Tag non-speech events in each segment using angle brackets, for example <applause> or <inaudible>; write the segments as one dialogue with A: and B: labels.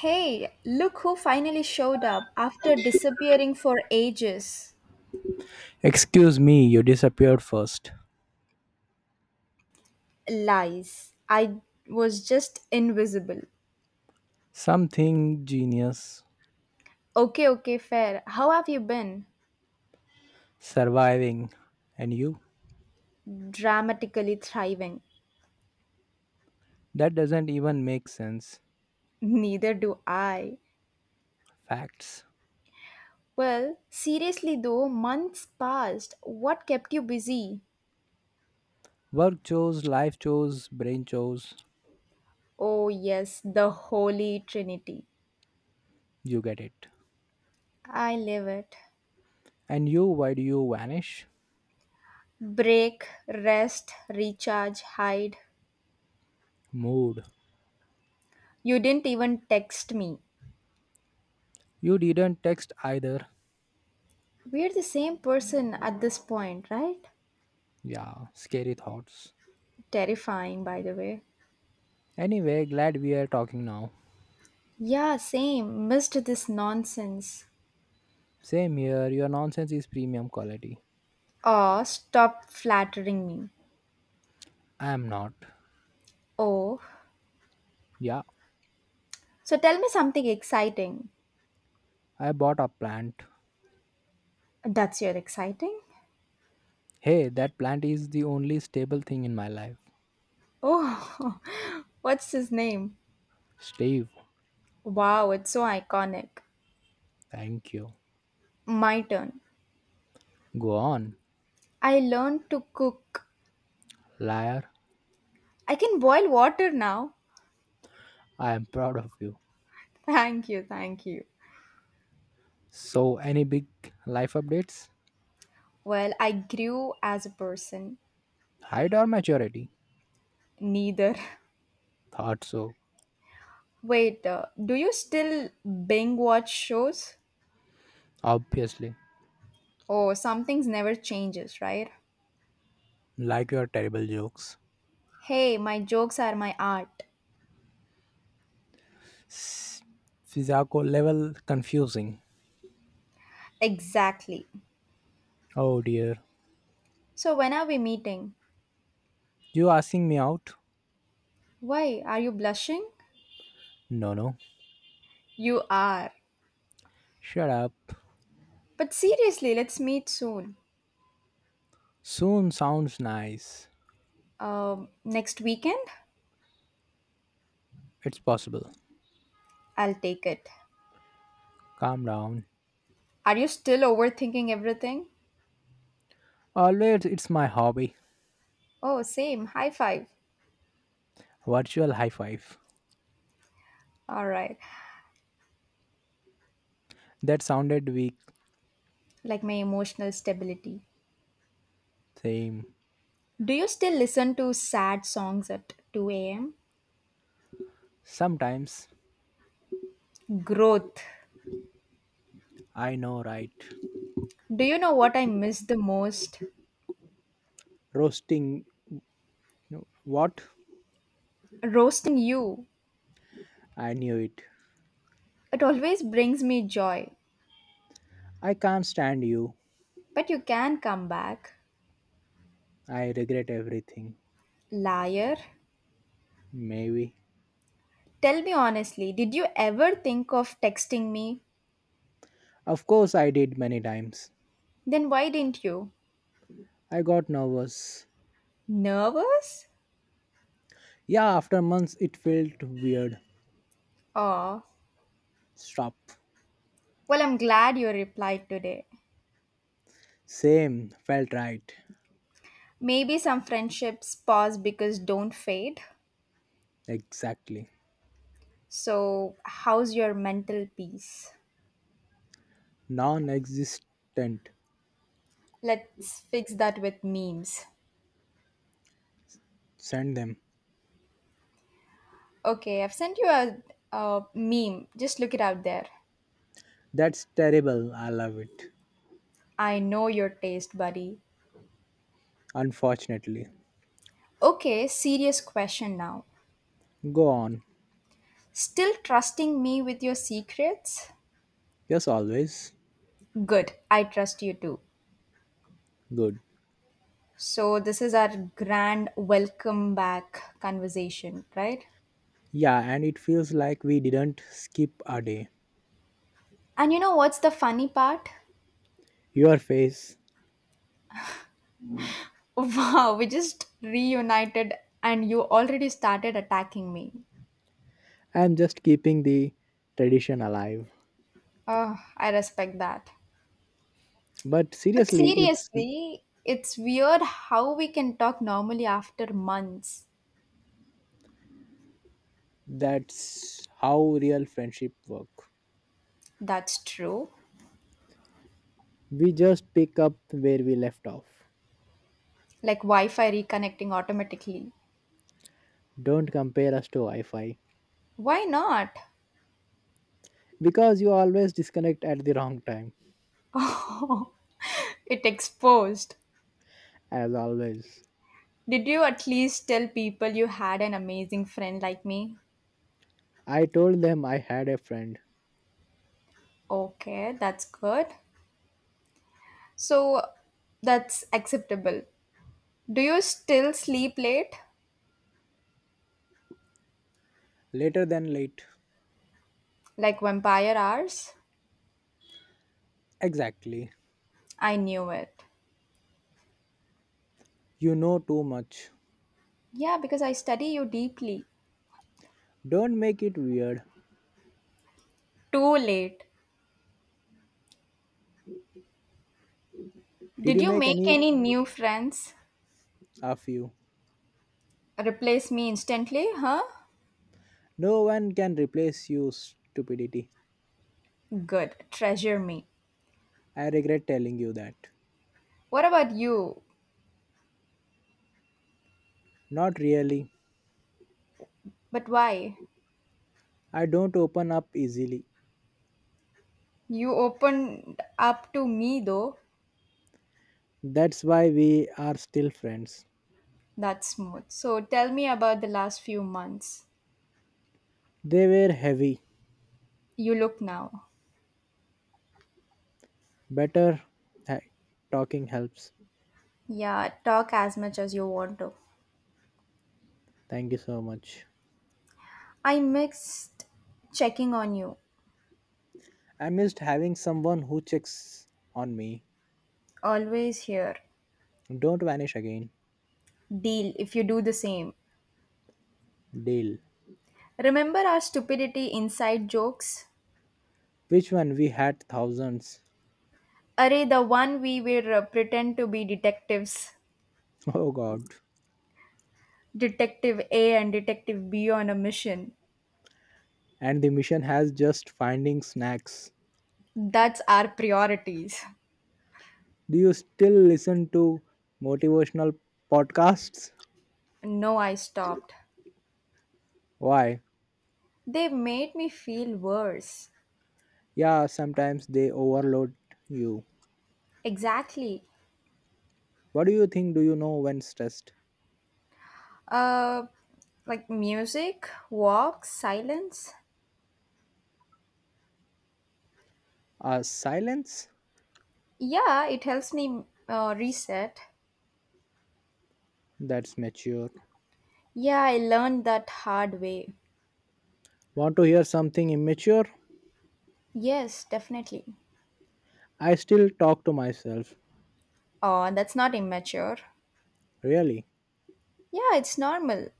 A: Hey, look who finally showed up after disappearing for ages.
B: Excuse me, you disappeared first.
A: Lies. I was just invisible.
B: Something genius
A: Okay, okay, fair. How have you been?
B: surviving. And you?
A: Dramatically thriving.
B: That doesn't even make sense.
A: Neither do I.
B: Facts.
A: Well, seriously though, months passed. What kept you busy?
B: Work chores, life chores, brain chores.
A: Oh, yes, the Holy Trinity.
B: You get it.
A: I live it.
B: And you, why do you vanish?
A: Break, rest, recharge, hide.
B: Mood.
A: You didn't even text me.
B: You didn't text either.
A: We're the same person at this point, right?
B: Yeah, scary thoughts.
A: Terrifying, by the way.
B: Anyway, glad we are talking now.
A: Yeah, same. Missed this nonsense.
B: Same here, your nonsense is premium quality.
A: Oh, stop flattering me.
B: I am not.
A: Oh.
B: Yeah,
A: So tell me something exciting.
B: I bought a plant.
A: That's your exciting?
B: Hey, that plant is the only stable thing in my life.
A: Oh, <laughs> what's his name?
B: Steve,
A: Wow, it's so iconic.
B: thank you.
A: My turn.
B: Go on,
A: I learned to cook.
B: liar.
A: I can boil water now.
B: I am proud of you.
A: <laughs> Thank you, thank you.
B: So, any big life updates?
A: Well, I grew as a person.
B: Height or maturity?
A: Neither. <laughs>
B: Thought so.
A: Wait, do you still Bing watch shows?
B: Obviously.
A: Oh, some things never changes, right?
B: Like your terrible jokes.
A: Hey, my jokes are my art.
B: S- Physical level confusing.
A: Exactly.
B: Oh dear.
A: So when are we meeting?
B: You asking me out?
A: Why, are you blushing?
B: No, no.
A: You are.
B: Shut up.
A: But seriously, let's meet soon.
B: Soon sounds nice.
A: Next weekend?
B: It's possible.
A: I'll take it.
B: Calm down.
A: Are you still overthinking everything?
B: Always, it's my hobby.
A: Oh, same. High five.
B: Virtual high five.
A: All right.
B: That sounded weak,
A: Like my emotional stability.
B: same.
A: Do you still listen to sad songs at 2 a.m.?
B: Sometimes
A: Growth.
B: I know, right?
A: Do you know what I miss the most?
B: Roasting, no, what?
A: Roasting you.
B: I knew it.
A: It always brings me joy.
B: I can't stand you.
A: But you can come back.
B: I regret everything.
A: Liar.
B: Maybe.
A: Tell me honestly, did you ever think of texting me?
B: Of course, I did many times.
A: Then why didn't you?
B: I got nervous.
A: Nervous?
B: Yeah, after months, it felt weird.
A: Oh,
B: Stop.
A: well, I'm glad you replied today.
B: Same. Felt right.
A: Maybe some friendships pause because don't fade.
B: Exactly.
A: So, how's your mental peace?
B: Non existent.
A: Let's fix that with memes.
B: Send them.
A: Okay, I've sent you a meme. Just look it out there.
B: That's terrible. I love it.
A: I know your taste, buddy.
B: Unfortunately.
A: Okay, serious question now.
B: Go on.
A: Still trusting me with your secrets?
B: Yes, always.
A: Good, I trust you too.
B: Good.
A: So, this is our grand welcome back conversation, right?
B: Yeah, and it feels like we didn't skip a day.
A: And you know what's the funny part? <laughs>
B: Your face.
A: Wow, we just reunited and you already started attacking me.
B: I'm just keeping the tradition alive.
A: Oh, I respect that.
B: But
A: But
B: seriously, it's
A: seriously, it's weird how we can talk normally after months.
B: that's how real friendship work.
A: That's true.
B: We just pick up where we left off.
A: Like Wi Fi reconnecting automatically.
B: Don't compare us to Wi-Fi
A: Why not?
B: because you always disconnect at the wrong time
A: It exposed.
B: as always.
A: Did you at least tell people you had an amazing friend like me?
B: I told them I had a friend.
A: Okay, that's good. So that's acceptable. Do you still sleep late?
B: Later than late.
A: Like vampire hours?
B: Exactly.
A: I knew it.
B: You know too much.
A: Yeah, because I study you deeply.
B: Don't make it weird.
A: Too late.
B: Did
A: Did
B: you
A: you
B: make
A: make
B: any
A: any new friends?
B: of you?
A: Replace me instantly, huh?
B: No one can replace you, stupidity.
A: Good, treasure me.
B: I regret telling you that.
A: What about you?
B: Not really.
A: But why?
B: I don't open up easily.
A: You opened up to me though.
B: That's why we are still friends.
A: That's smooth. So tell me about the last few months.
B: They were heavy.
A: You look now.
B: Better ha- talking helps.
A: Yeah, talk as much as you want to.
B: Thank you so much.
A: I mixed checking on you.
B: I missed having someone who checks on me.
A: Always here.
B: Don't vanish again.
A: Deal if you do the same.
B: Deal.
A: Remember our stupidity inside jokes?
B: Which one? We had thousands.
A: Array, the one we will pretend to be detectives,
B: <laughs> Oh god.
A: Detective A and Detective B on a mission.
B: And the mission has just finding snacks.
A: That's our priorities.
B: Do you still listen to motivational podcasts?
A: No, I stopped.
B: Why?
A: They made me feel worse.
B: Yeah, sometimes they overload you.
A: Exactly.
B: What do you think do you know when stressed?
A: Uh, like music, walks, silence.
B: A silence?
A: Yeah, it helps me reset.
B: That's mature.
A: Yeah, I learned that hard way.
B: Want to hear something immature?
A: Yes, definitely.
B: I still talk to myself.
A: Oh, that's not immature.
B: Really?
A: Yeah, it's normal.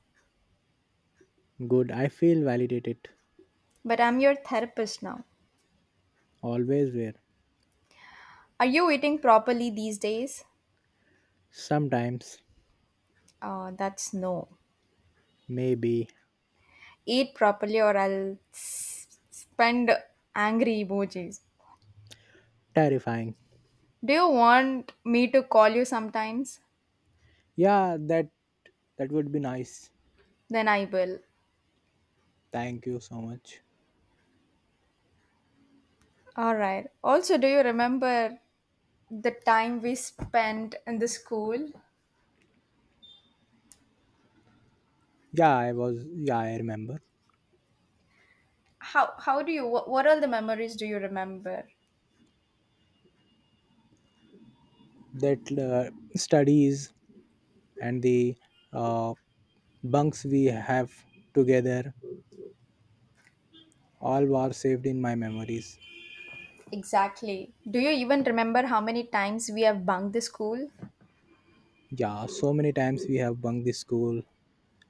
B: Good. I feel validated.
A: But I'm your therapist now.
B: Always were.
A: Are you eating properly these days?
B: Sometimes.
A: That's no.
B: Maybe.
A: Eat properly or I'll spend angry emojis.
B: Terrifying.
A: Do you want me to call you sometimes?
B: Yeah, that would be nice.
A: Then I will.
B: Thank you so much.
A: Alright. Also, do you remember the time we spent in the school?
B: Yeah, I was yeah, I remember.
A: How do you, what all the memories do you remember?
B: That studies and the uh, bunks we have together all were saved in my memories.
A: Exactly. Do you even remember how many times we have bunked the school?
B: Yeah, so many times we have bunked the school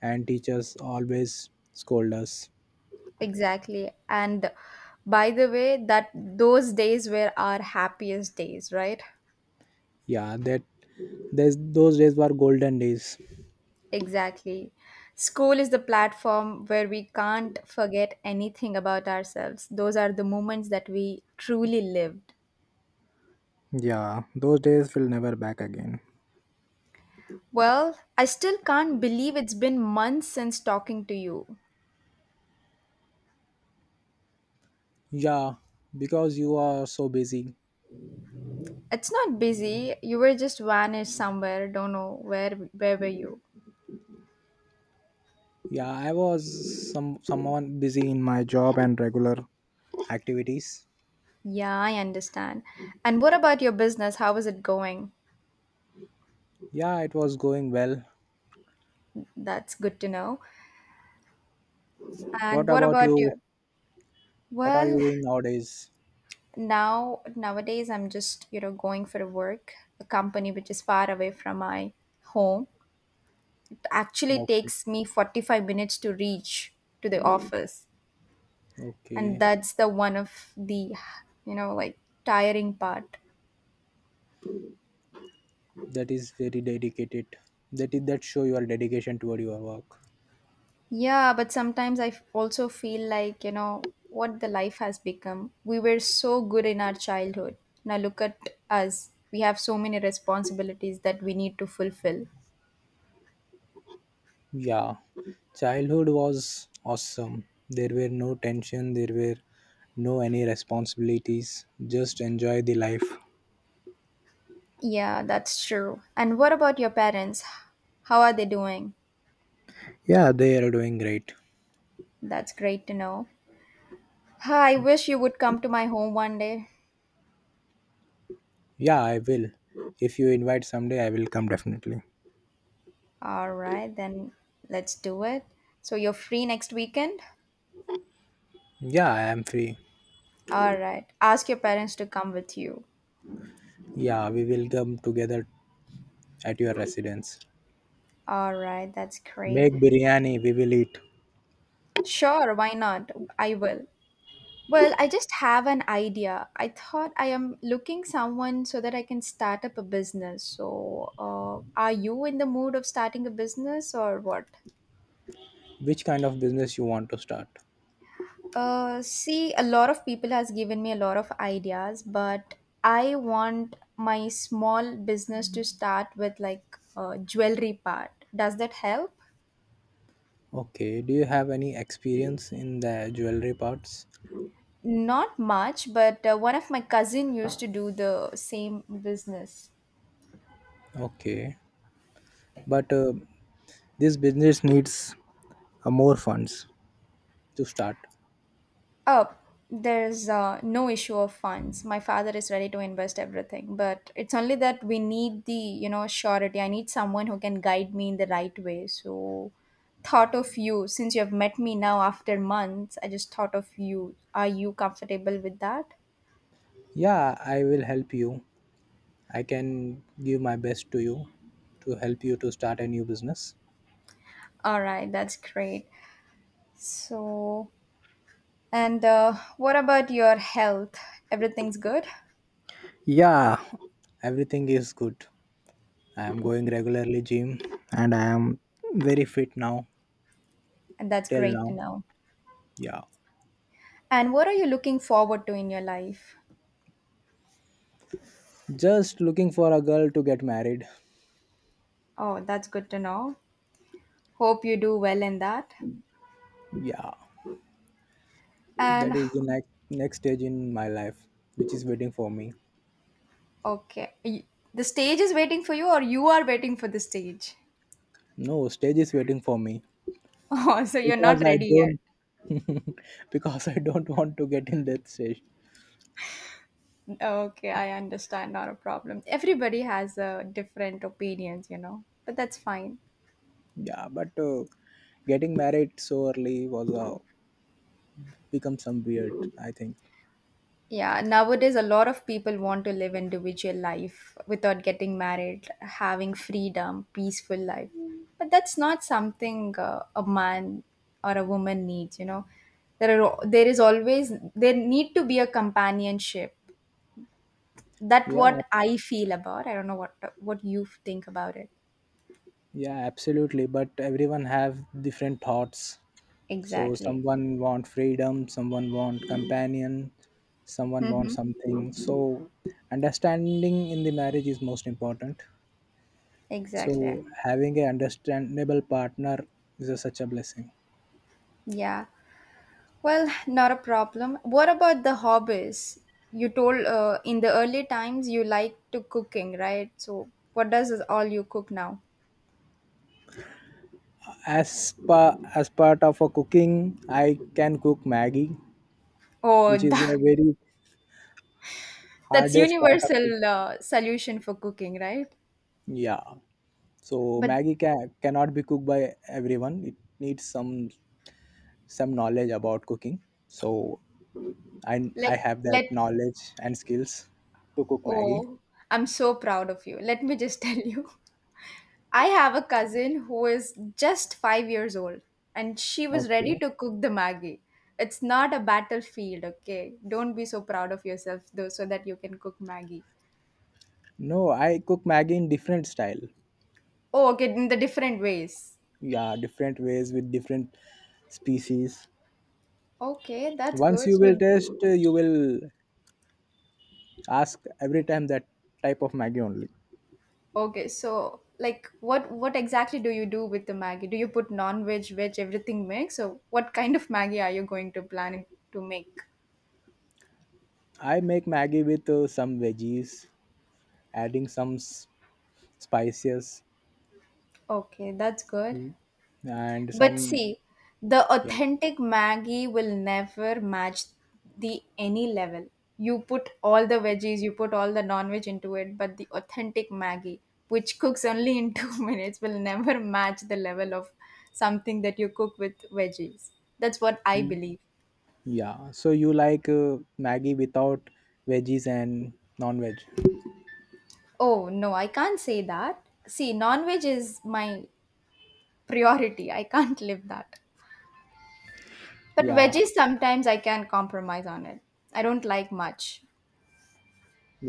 B: and teachers always scold us.
A: Exactly. And by the way, that those days were our happiest days, right?
B: Yeah those days were golden days.
A: Exactly. School is the platform where we can't forget anything about ourselves. Those are the moments that we truly lived.
B: Yeah, those days will never back again.
A: Well, I still can't believe it's been months since talking to you.
B: Yeah, because you are so busy.
A: It's not busy. You were just vanished somewhere. Don't know where were you?
B: Yeah, I was someone busy in my job and regular activities.
A: Yeah, I understand. And what about your business? How is it going?
B: Yeah, it was going well.
A: That's good to know. And
B: What
A: what
B: about
A: about
B: you?
A: you?
B: What are you
A: Well,
B: doing nowadays?
A: nowadays I'm just, you know, going for a work, a company which is far away from my home. It actually
B: Okay,
A: takes me 45 minutes to reach to the office. And
B: okay,
A: that's the one of the, you know, like tiring part.
B: that is very dedicated. That is that show your dedication toward your work.
A: Yeah, but sometimes I also feel like, you know, what the life has become. We were so good in our childhood. Now look at us. We have so many responsibilities that we need to fulfill.
B: Yeah, childhood was awesome. There were no tension. There were no any responsibilities. Just enjoy the life.
A: Yeah, that's true. And what about your parents? How are they doing?
B: Yeah, they are doing great.
A: That's great to know. I wish you would come to my home one day.
B: Yeah, I will. If you invite someday, I will come definitely.
A: All right, then let's do it. So you're free next weekend?
B: Yeah, I am free.
A: All right. Ask your parents to come with you.
B: Yeah, we will come together at your residence.
A: All right, that's great.
B: Make biryani. We will eat.
A: Sure, why not? I will. Well, I just have an idea. I thought I am looking someone so that I can start up a business. So, are you in the mood of starting a business or what?
B: Which kind of business you want to start?
A: See, a lot of people has given me a lot of ideas, but I want my small business to start with like jewelry part. Does that help?
B: Okay, do you have any experience in the jewelry parts?
A: Not much, but one of my cousin used to do the same business.
B: Okay, but this business needs more funds to start.
A: Oh, there's no issue of funds. My father is ready to invest everything, but it's only that we need the, you know, surety. I need someone who can guide me in the right way. So, thought of you since you have met me now after months. I just thought of you. Are you comfortable with that?
B: Yeah, I will help you. I can give my best to you to help you to start a new business.
A: All right, that's great. So, and what about your health? Everything's good?
B: Yeah, everything is good. I am going regularly gym and I am very fit now,
A: And that's
B: till
A: great to
B: now.
A: know.
B: Yeah,
A: And what are you looking forward to in your life?
B: just looking for a girl to get married.
A: Oh, that's good to know. Hope you do well in that.
B: Yeah, that
A: And
B: is the next stage in my life, which is waiting for me.
A: okay, the stage is waiting for you, or you are waiting for the stage. <laughs>
B: No, stage is waiting for me.
A: Oh, so you're
B: Because
A: not
B: I
A: ready yet.
B: don't, <laughs> because I don't want to get in that stage.
A: Okay, I understand. Not a problem. Everybody has different opinions, you know, but that's fine.
B: Yeah, but getting married so early was become some weird, I think.
A: Yeah, nowadays a lot of people want to live individual life without getting married, having freedom, peaceful life. But that's not something a man or a woman needs, you know. There is always there need to be a companionship. That
B: Yeah,
A: what I feel about. I don't know what you think about it.
B: yeah, absolutely, but everyone have different thoughts. So
A: Exactly.
B: someone want freedom, someone want companion, someone want something. So understanding in the marriage is most important.
A: <laughs> Exactly.
B: So having a understandable partner is a, such a blessing.
A: Yeah. Well, not a problem. What about the hobbies? You told in the early times you like to cooking, right? So what does is all you cook now?
B: As part of a cooking, I can cook Maggie,
A: Oh,
B: which
A: <laughs>
B: is
A: that,
B: a very
A: that's
B: hardest part of cooking.
A: universal solution for cooking, right?
B: Yeah. So
A: But
B: Maggie can cannot be cooked by everyone. It needs some knowledge about cooking. So I
A: let
B: have that
A: let
B: knowledge and skills to cook Maggie.
A: oh, I'm so proud of you. Let me just <laughs> tell you. I have a cousin who is just 5 years old and she was
B: Okay.
A: ready to cook the Maggie. It's not a battlefield, okay? Don't be so proud of yourself though so that you can cook Maggie.
B: No, I cook Maggie in different style.
A: Oh, okay, in the different ways.
B: Yeah, different ways with different species.
A: Okay, that's
B: Once
A: good.
B: you will
A: So,
B: taste you will ask every time that type of maggi only.
A: okay, so like what exactly do you do with the Maggie? Do you put non-veg, veg, everything mix? So what kind of Maggie are you going to plan to make?
B: I make maggi with some veggies, adding spices.
A: Okay, that's good.
B: Mm, and
A: But
B: some
A: see, the
B: yeah.
A: authentic Maggie will never match the any level. You put all the veggies, you put all the non-veg into it, but the authentic Maggie, which cooks only in <laughs> 2 minutes, will never match the level of something that you cook with veggies. That's what I
B: Mm.
A: believe.
B: Yeah, so you like maggie without veggies and non-veg.
A: Oh no, I can't say that. See, non-veg is my priority. I can't live that. But
B: Yeah,
A: veggies sometimes I can compromise on it. I don't like much.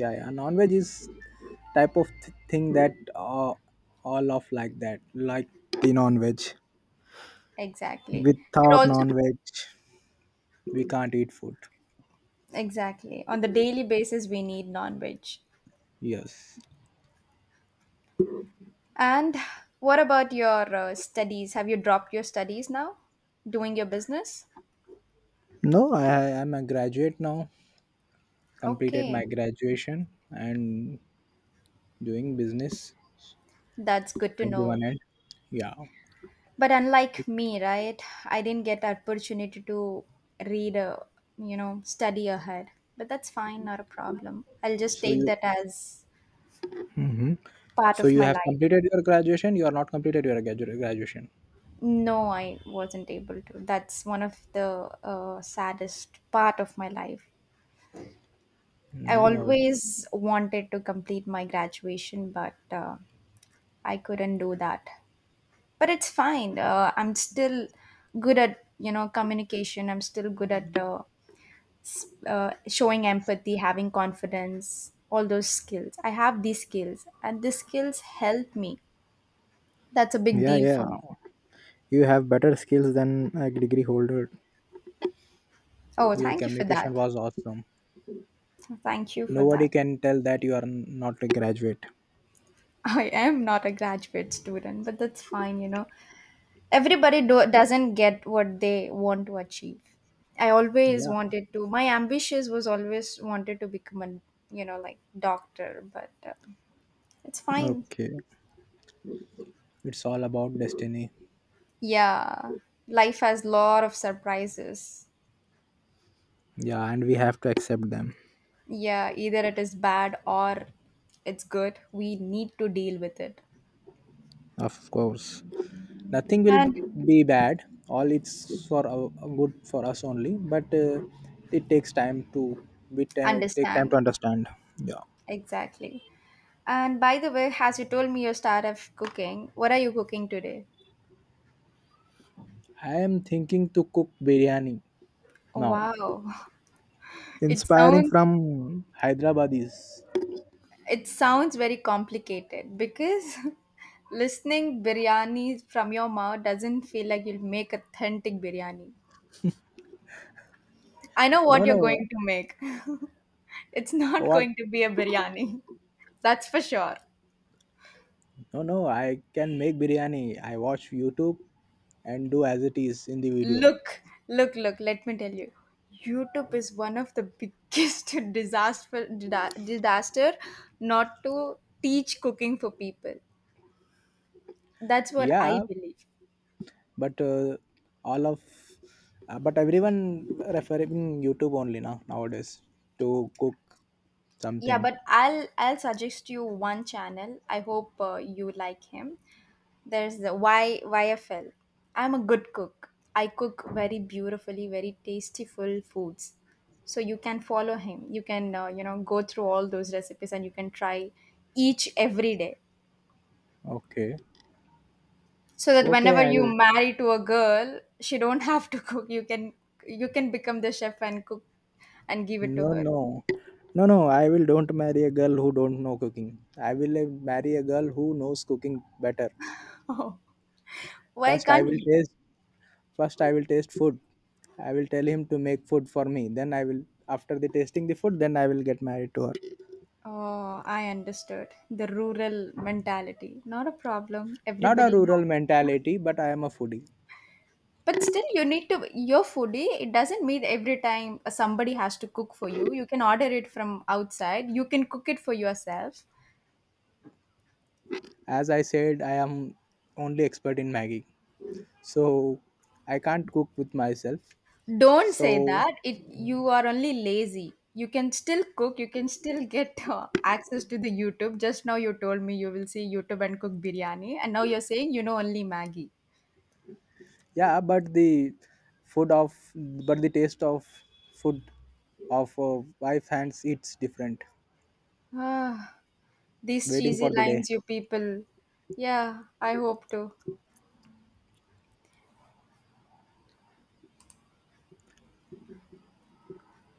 B: yeah, yeah, non-veg is type of thing that all of like that like the non-veg.
A: Exactly. And
B: Without
A: also,
B: non-veg we can't eat food.
A: exactly. On the daily basis, we need non veg.
B: Yes.
A: And what about your studies? Have you dropped your studies now? Doing your business?
B: No, I am a graduate now, completed my
A: Okay.
B: graduation and doing business
A: That's good to
B: at the one
A: know.
B: end. Yeah.
A: But unlike me, right? I didn't get opportunity to read a, you know, study ahead. But that's fine, not a problem. I'll just
B: So
A: take
B: you
A: that as
B: hmm,
A: part
B: so
A: of
B: you
A: my
B: have
A: life.
B: completed your graduation, you are not completed your graduation.
A: No, I wasn't able to. That's one of the saddest part of my life. I
B: No, no.
A: always wanted to complete my graduation, but I couldn't do that. But it's fine. I'm still good at you know communication. I'm still good at showing empathy, having confidence, all those skills. I have these skills, and these skills help me. That's a big
B: Yeah,
A: deal
B: yeah.
A: for me.
B: You have better skills than a degree holder.
A: Oh,
B: Your
A: thank you for
B: communication
A: that.
B: was awesome.
A: Thank you for
B: Nobody
A: that.
B: can tell that you are not a graduate.
A: <laughs> I am not a graduate student, but that's fine. You know, everybody doesn't get what they want to achieve. I always
B: Yeah.
A: wanted to My ambitions was always wanted to become a you know like doctor, but it's fine.
B: Okay. It's all about destiny.
A: Yeah, life has lot of surprises.
B: Yeah, and we have to accept them.
A: Yeah, either it is bad or it's good, we need to deal with it
B: Of course. Nothing will
A: and
B: be bad, all it's for our, good for us only, but it takes time to it take time to
A: understand.
B: understand. Yeah.
A: Exactly. And by the way, as you told me you started cooking, what are you cooking today?
B: I am thinking to cook biryani now,
A: Wow, <laughs> it
B: inspiring
A: sounds
B: from hyderabadis.
A: it sounds very complicated because <laughs> listening biryani from your mouth doesn't feel like you'll make authentic biryani. I know
B: No,
A: what you're
B: no,
A: going to make. <laughs> It's not
B: what?
A: going to be a biryani. <laughs> That's for sure.
B: No, no, I can make biryani. I watch youtube and do as it is in the video.
A: Look, look, look, let me tell you. YouTube is one of the biggest <laughs> disaster disaster not to teach cooking for people. That's what
B: Yeah,
A: I believe.
B: but all of but everyone referring youtube only now nowadays to cook
A: Yeah,
B: something.
A: but I'll suggest you one channel. I hope you like him. There's the Y YFL. I'm a good cook. I cook very beautifully, very tasteful foods. So you can follow him. You can you know go through all those recipes and you can try each every day.
B: Okay.
A: So that
B: Okay,
A: whenever
B: I
A: you
B: will.
A: marry to a girl, she don't <laughs> have to cook. You can become the chef and cook and give it to
B: No,
A: her. <laughs>
B: no. No, no, I will don't marry a girl who don't know cooking. I will marry a girl who knows cooking better.
A: Oh, why
B: First I
A: can't
B: will
A: he?
B: taste First I will taste food. I will tell him to make food for me. Then I will after the tasting the food then I will get married to her.
A: Oh, I understood. The rural mentality. Not a problem.
B: Not a
A: Everybody has.
B: rural mentality, but I am a foodie.
A: But still, you need to. Your foodie, it doesn't mean every time somebody has to cook for you. You can order it from outside. You can cook it for yourself.
B: As I said, I am only expert in Maggie. So I can't cook with myself.
A: Don't say
B: So
A: that. It you are only lazy. You can still cook. You can still get access to the YouTube. Just now you told me you will see YouTube and cook biryani, and now you're saying you know only Maggie.
B: yeah, but the food of but the taste of food of wife hands it's different.
A: Ah. These
B: Waiting
A: cheesy
B: for the day.
A: lines, you people. Yeah, I hope to.